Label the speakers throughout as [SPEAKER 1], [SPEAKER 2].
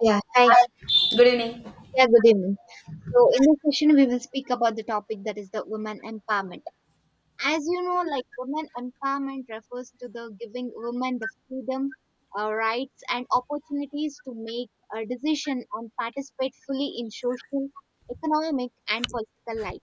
[SPEAKER 1] Yeah, hi.
[SPEAKER 2] Good evening.
[SPEAKER 1] Yeah, good evening. So, in this session, we will speak about the topic that is the women empowerment as you know, like women empowerment refers to the giving women the freedom, rights, and opportunities to make a decision and participate fully in social, economic, and political life.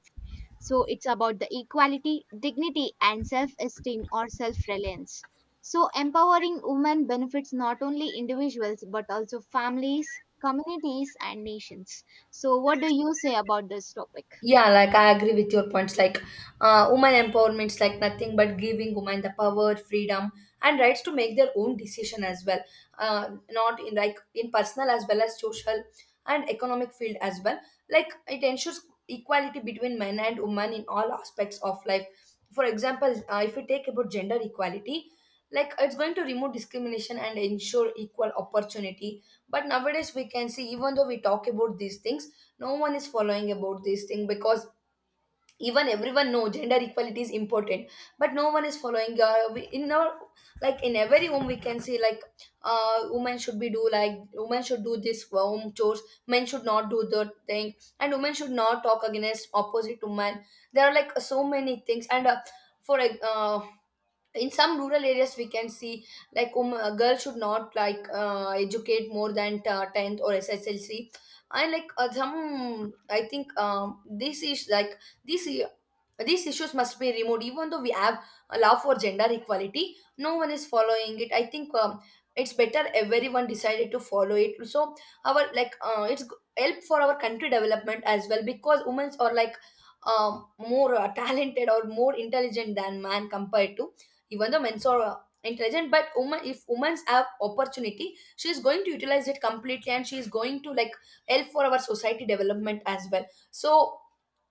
[SPEAKER 1] So it's about the equality, dignity, and self-esteem or self-reliance. So empowering women benefits not only individuals but also families, communities, and nations. So what do you say about this topic?
[SPEAKER 2] Yeah, like I agree with your points. Like, woman empowerment is like nothing but giving women the power, freedom, and rights to make their own decision as well. Not in like in personal as well as social and economic field as well. Like it ensures equality between men and women in all aspects of life. For example, if we take about gender equality, like it's going to remove discrimination and ensure equal opportunity. But nowadays we can see, even though we talk about these things, no one is following about this thing because even everyone know gender equality is important, but no one is following, in our like in every home we can see like women should be do like women should do this home chores, men should not do the thing, and women should not talk against opposite to men. There are like so many things, and for like, uh, in some rural areas we can see like a girl should not like educate more than 10th or sslc, and like some I think this is like this these issues must be removed, even though we have a law for gender equality. No one is following it. I think it's better everyone decided to follow it. So our like help for our country development as well, because women are like more talented or more intelligent than man compared to even though men are intelligent. But woman, if women have opportunity, she is going to utilize it completely, and she is going to like help for our society development as well. So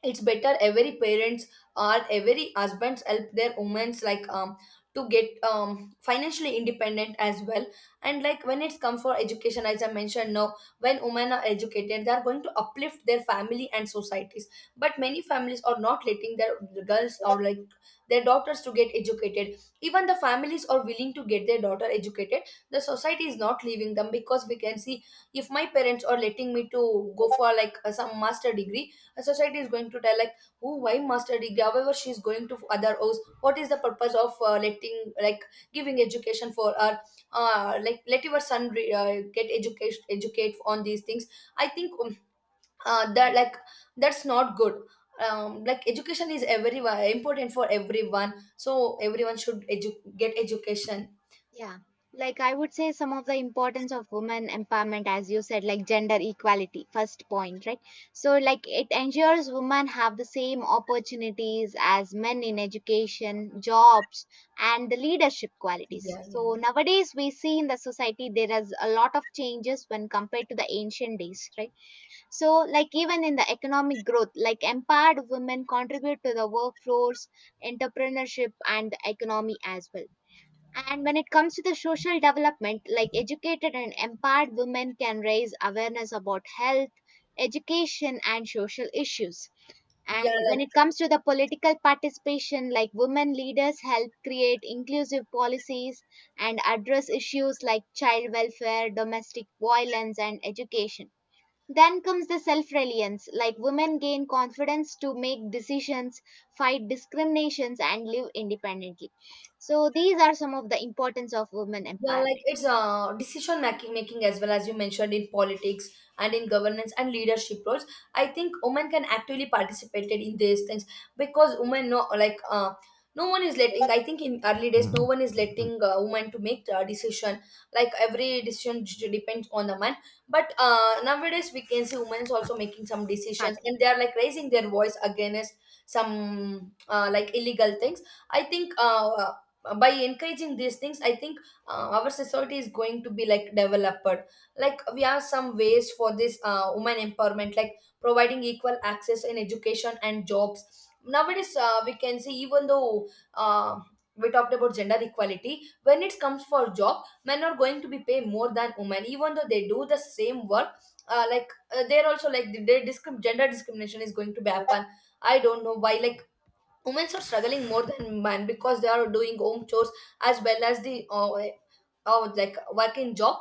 [SPEAKER 2] it's better every parents or every husbands help their women's like to get financially independent as well. And like when it's come for education, as I mentioned now, when women are educated they are going to uplift their family and societies, but many families are not letting their girls or like their daughters to get educated. Even the families are willing to get their daughter educated, the society is not leaving them, because we can see if my parents are letting me to go for like some master degree, a society is going to tell like, oh, why master degree? However, she's going to other O's. What is the purpose of letting like giving education for her? Like, let your son get education, educate on these things. I think that like that's not good. Like education is every important for everyone, so everyone should get education.
[SPEAKER 1] Yeah. Like I would say some of the importance of women empowerment, as you said, like gender equality, first point, right? So like it ensures women have the same opportunities as men in education, jobs, and the leadership qualities.
[SPEAKER 2] Yeah, yeah,
[SPEAKER 1] So
[SPEAKER 2] yeah.
[SPEAKER 1] nowadays we see in the society there is a lot of changes when compared to the ancient days, right? So like even in the economic growth, like empowered women contribute to the workforce, entrepreneurship, and the economy as well. And when it comes to the social development, like educated and empowered women can raise awareness about health, education, and social issues. And
[SPEAKER 2] Yeah,
[SPEAKER 1] when it comes to the political participation, like women leaders help create inclusive policies and address issues like child welfare, domestic violence, and education. Then comes the self reliance, like women gain confidence to make decisions, fight discriminations, and live independently. So, these are some of the importance of women
[SPEAKER 2] Yeah, like
[SPEAKER 1] empowerment.
[SPEAKER 2] it's decision making as well, as you mentioned, in politics and in governance and leadership roles. I think women can actively participate in these things, because women no like no one is letting. I think in early days no one is letting women to make a decision. Like every decision depends on the man. But nowadays we can see women is also making some
[SPEAKER 1] Part.
[SPEAKER 2] decisions, and they are like raising their voice against some like illegal things. I think by encouraging these things, I think our society is going to be like developed. Like we have some ways for this women empowerment, like providing equal access in education and jobs. Nowadays we can see, even though uh, we talked about gender equality, when it comes for job men are going to be paid more than women even though they do the same work. uh, like they're also like the gender discrimination is going to be happen. I don't know why, like women are struggling more than men because they are doing home chores as well as the like working job,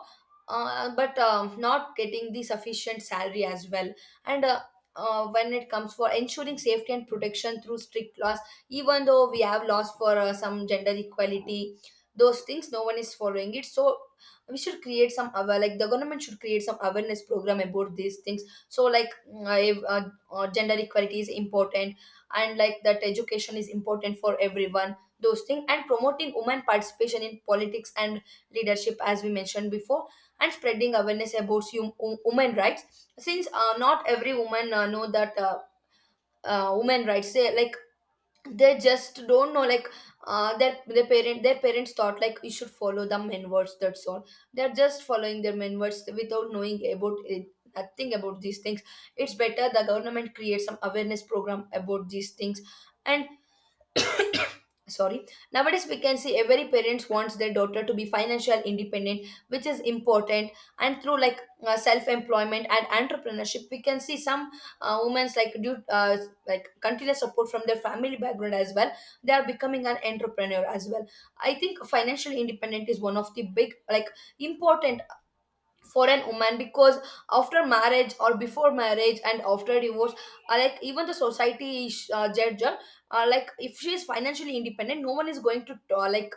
[SPEAKER 2] but not getting the sufficient salary as well. And when it comes for ensuring safety and protection through strict laws, even though we have laws for some gender equality, those things no one is following it. So we should create some aware like the government should create some awareness program about these things. So like if, gender equality is important, and like that education is important for everyone, those things, and promoting women participation in politics and leadership, as we mentioned before, and spreading awareness about women rights, since not every woman know that women rights. They, like they just don't know like their parents thought like you should follow the men words, that's all. They're just following their men words without knowing about it, nothing about these things. It's better the government creates some awareness program about these things. And sorry, nowadays we can see every parents wants their daughter to be financial independent, which is important. And through like self employment and entrepreneurship, we can see some women's like due like continuous support from their family background as well, they are becoming an entrepreneur as well. I think financial independent is one of the big like important for an woman, because after marriage or before marriage and after divorce, like even the society is, judge her. Like, if she is financially independent, no one is going to like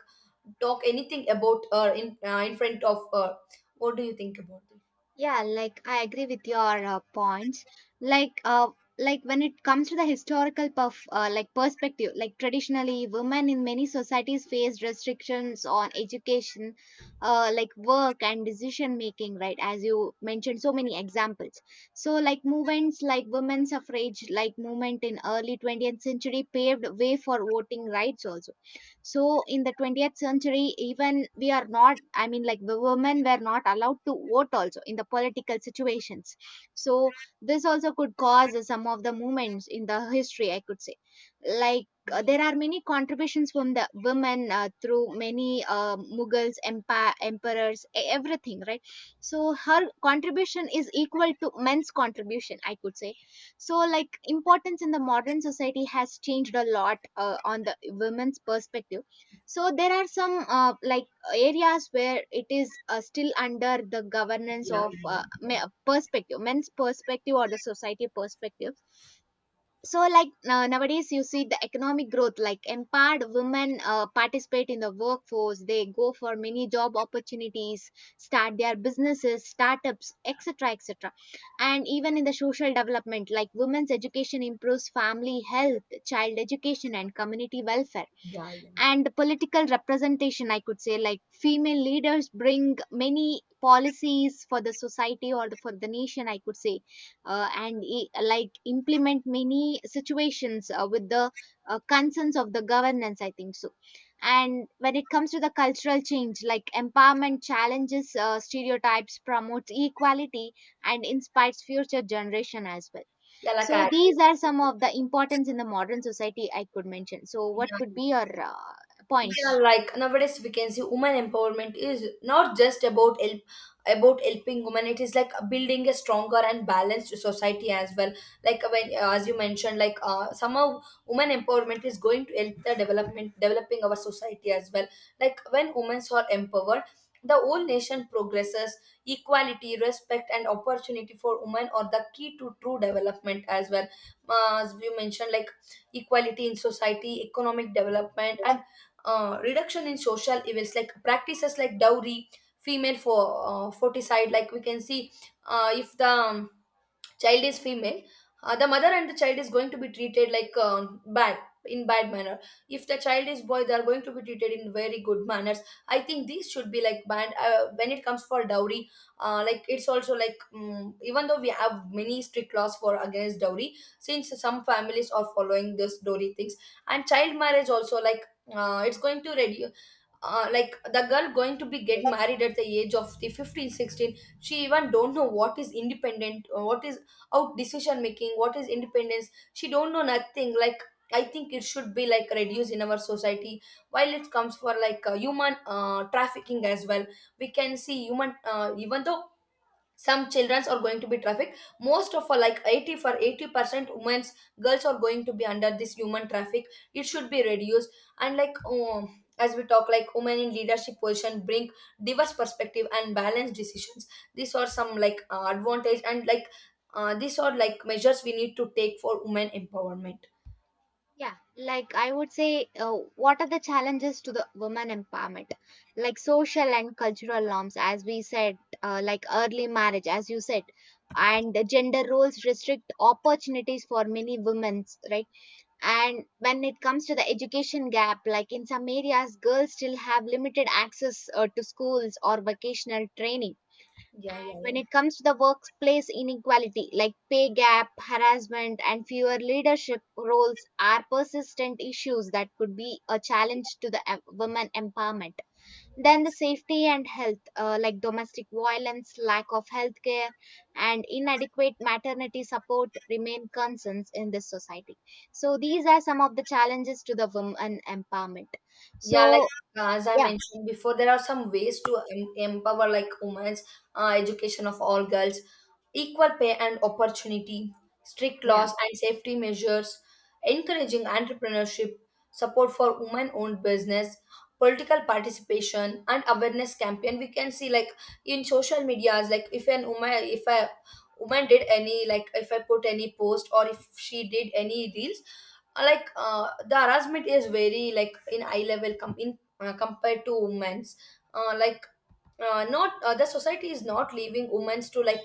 [SPEAKER 2] talk anything about her in front of her. What do you think about it?
[SPEAKER 1] Yeah, like I agree with your points. Like, uh, like when it comes to the historical perspective, like traditionally, women in many societies faced restrictions on education, like work and decision making. Right, as you mentioned, so many examples. So, like movements like women's suffrage, like movement in early 20th century, paved way for voting rights also. So in the 20th century, even we are not, I mean, like the women were not allowed to vote also in the political situations. So this also could cause some of the movements in the history, I could say. Like there are many contributions from the women through many Mughals, empa emperors, everything, right? So her contribution is equal to men's contribution, I could say. So like importance in the modern society has changed a lot on the women's perspective. So there are some areas where it is still under the governance
[SPEAKER 2] Yeah,
[SPEAKER 1] of
[SPEAKER 2] yeah, yeah.
[SPEAKER 1] perspective men's perspective or the society perspective. So like nowadays you see the economic growth, like empowered women participate in the workforce, they go for many job opportunities, start their businesses, startups, etc., etc. And even in the social development, like women's education improves family health, child education, and community welfare.
[SPEAKER 2] Yeah, yeah,
[SPEAKER 1] And political representation, I could say, like female leaders bring many policies for the society, or for the nation, I could say. Like implement many situations with the concerns of the governance, I think so. And when it comes to the cultural change, like empowerment challenges stereotypes, promotes equality, and inspires future generation as well.
[SPEAKER 2] yeah, like I
[SPEAKER 1] So
[SPEAKER 2] agree.
[SPEAKER 1] these are some of the importance in the modern society I could mention. So what could
[SPEAKER 2] Yeah,
[SPEAKER 1] be your
[SPEAKER 2] Yeah,
[SPEAKER 1] points?
[SPEAKER 2] like nowadays we can see women empowerment is not just about help about helping women. It is like building a stronger and balanced society as well. Like, as you mentioned, like somehow women empowerment is going to help the development developing our society as well. Like when women are empowered, the whole nation progresses. Equality, respect, and opportunity for women are the key to true development as well. As you mentioned, like equality in society, economic development, and reduction in social evils, like practices like dowry, female for foticide. Like we can see, if the child is female, the mother and the child is going to be treated like bad, in bad manner. If the child is boy, they are going to be treated in very good manners. I think these should be like banned. When it comes for dowry, like it's also like, even though we have many strict laws for against dowry, since some families are following this dowry things. And child marriage also, like it's going to reduce. Like, the girl going to be get married at the age of the 15, 16. She even don't know what is independent or what is out decision making, what is independence, she don't know nothing. Like I think it should be like reduced in our society. While it comes for like human trafficking as well, we can see human even though some childrens are going to be trafficked, most of all like 80% women's girls are going to be under this human traffic. It should be reduced. And like as we talk, like women in leadership position bring diverse perspective and balanced decisions. These are some like advantage, and like these are like measures we need to take for women empowerment.
[SPEAKER 1] Yeah, like I would say, what are the challenges to the women empowerment? Like social and cultural norms, as we said, like early marriage, as you said, and the gender roles restrict opportunities for many women, right? And when it comes to the education gap, like in some areas, girls still have limited access to schools or vocational training.
[SPEAKER 2] Yeah, yeah,
[SPEAKER 1] And when
[SPEAKER 2] yeah.
[SPEAKER 1] it comes to the workplace inequality, like pay gap, harassment, and fewer leadership roles, are persistent issues that could be a challenge to the women empowerment. Then the safety and health, like domestic violence, lack of healthcare, and inadequate maternity support, remain concerns in this society. So these are some of the challenges to the women empowerment.
[SPEAKER 2] Yeah, like
[SPEAKER 1] So
[SPEAKER 2] uh, as I
[SPEAKER 1] yeah,
[SPEAKER 2] mentioned before, there are some ways to empower like women's: education of all girls, equal pay and opportunity, strict
[SPEAKER 1] yeah,
[SPEAKER 2] laws and safety measures, encouraging entrepreneurship, support for women-owned business, political participation, and awareness campaign. We can see, like in social medias, like if an woman, if a woman did any, like if I put any post or if she did any reels, the harassment is very like in eye level com- in compared to women's. Like not the society is not leaving women to like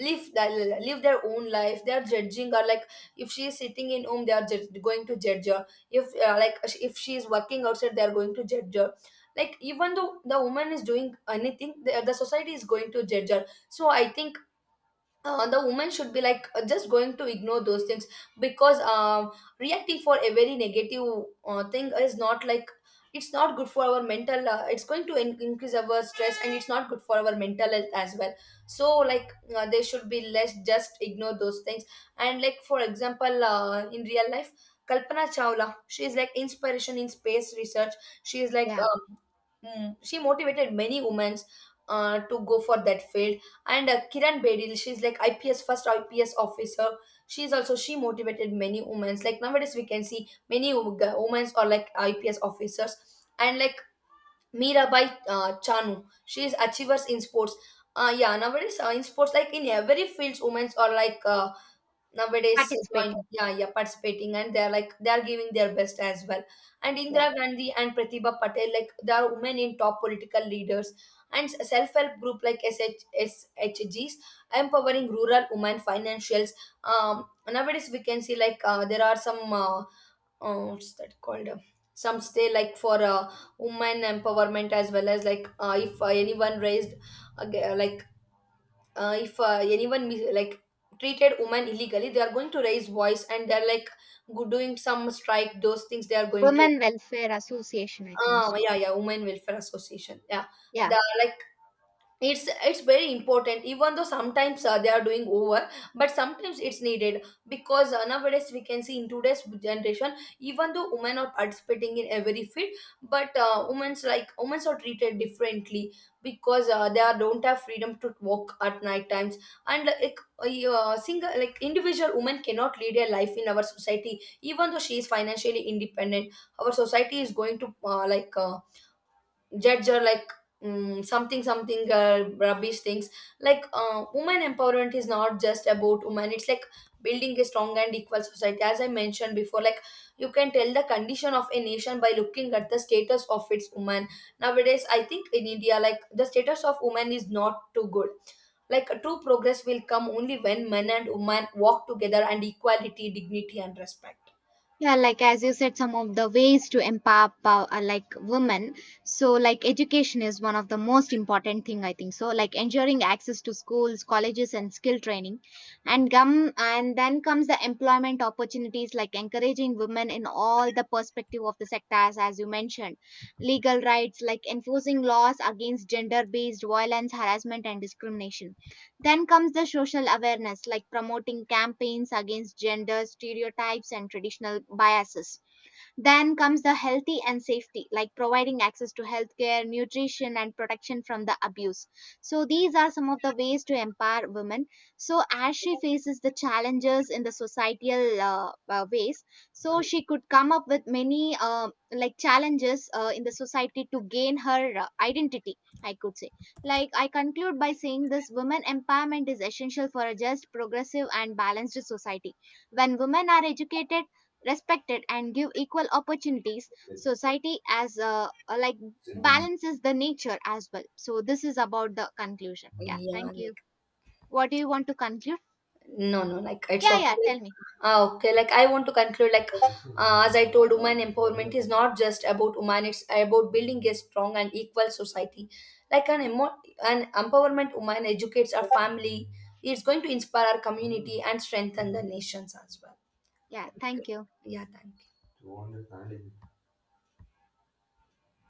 [SPEAKER 2] live their own life. They are judging her like if she is sitting in home they are going to judge her. If like, if she is working outside they are going to judge her. Like even though the woman is doing anything, the society is going to judge her. So I think the woman should be like just going to ignore those things, because reacting for a very negative thing is not like, it's not good for our mental. It's going to increase our stress, and it's not good for our mental health as well. So like they should be less, just ignore those things. And like, for example, in real life, Kalpana Chawla, she is like inspiration in space research. She is like
[SPEAKER 1] yeah,
[SPEAKER 2] she motivated many women to go for that field. And Kiran Bedil, she's like IPS, first IPS officer. She's also, she motivated many women. Like nowadays we can see many women are like IPS officers. And like Mirabai Chanu, she is achievers in sports. Yeah, nowadays in sports, like in every fields, women are like nowadays join
[SPEAKER 1] participating,
[SPEAKER 2] yeah, yeah, participating, and they're like they're giving their best as well. And Indira
[SPEAKER 1] yeah.
[SPEAKER 2] Gandhi and Pratibha Patel, like they are women in top political leaders. And self-help group like shgs, empowering rural women financials. Um, nowadays we can see like there are some what's that called, some stay like for women empowerment as well. As like if anyone raised, uh, like if anyone like treated women illegally, they are going to raise voice, and they're like doing some strike, those things they are going to.
[SPEAKER 1] Women Welfare Association, I think so.
[SPEAKER 2] Yeah, yeah, women welfare association, yeah.
[SPEAKER 1] Yeah.
[SPEAKER 2] the Like, it's very important. Even though sometimes they are doing over, but sometimes it's needed, because nowadays we can see in today's generation, even though women are participating in every field, but women's like women are treated differently, because they are, don't have freedom to walk at night times. And like, a single like individual woman cannot lead a life in our society. Even though she is financially independent, our society is going to judge, or like something something rubbish things. Like women empowerment is not just about women, it's like building a strong and equal society, as I mentioned before. Like, you can tell the condition of a nation by looking at the status of its women. Nowadays I think in India, like the status of women is not too good. Like, true progress will come only when men and women walk together, and equality, dignity, and respect.
[SPEAKER 1] Yeah, like as you said, some of the ways to empower women. So like education is one of the most important thing, I think. So like ensuring access to schools, colleges, and skill training, and gum, and then comes the employment opportunities, like encouraging women in all the perspective of the sectors as you mentioned, legal rights like enforcing laws against gender-based violence, harassment, and discrimination. Then comes the social awareness, like promoting campaigns against gender stereotypes and traditional biases. Then comes the healthy and safety, like providing access to healthcare, nutrition, and protection from the abuse. So, these are some of the ways to empower women. So, as she faces the challenges in the societal ways, so she could come up with many challenges in the society to gain her identity. I could say. Like, I conclude by saying this women empowerment is essential for a just, progressive, and balanced society. When women are educated, respected, and give equal opportunities, society as like balances the nature as well. So this is about the conclusion. Yeah,
[SPEAKER 2] Yeah.
[SPEAKER 1] thank you. What do you want to conclude?
[SPEAKER 2] No, no, like it's
[SPEAKER 1] Yeah, yeah,
[SPEAKER 2] okay.
[SPEAKER 1] tell me.
[SPEAKER 2] Ah, okay, like I want to conclude like as I told, women empowerment is not just about women, it's about building a strong and equal society. Like an empowerment woman educates our family, it's going to inspire our community and strengthen the nations as well.
[SPEAKER 1] Yeah,
[SPEAKER 2] Okay.
[SPEAKER 1] thank you.
[SPEAKER 2] Yeah, thank you.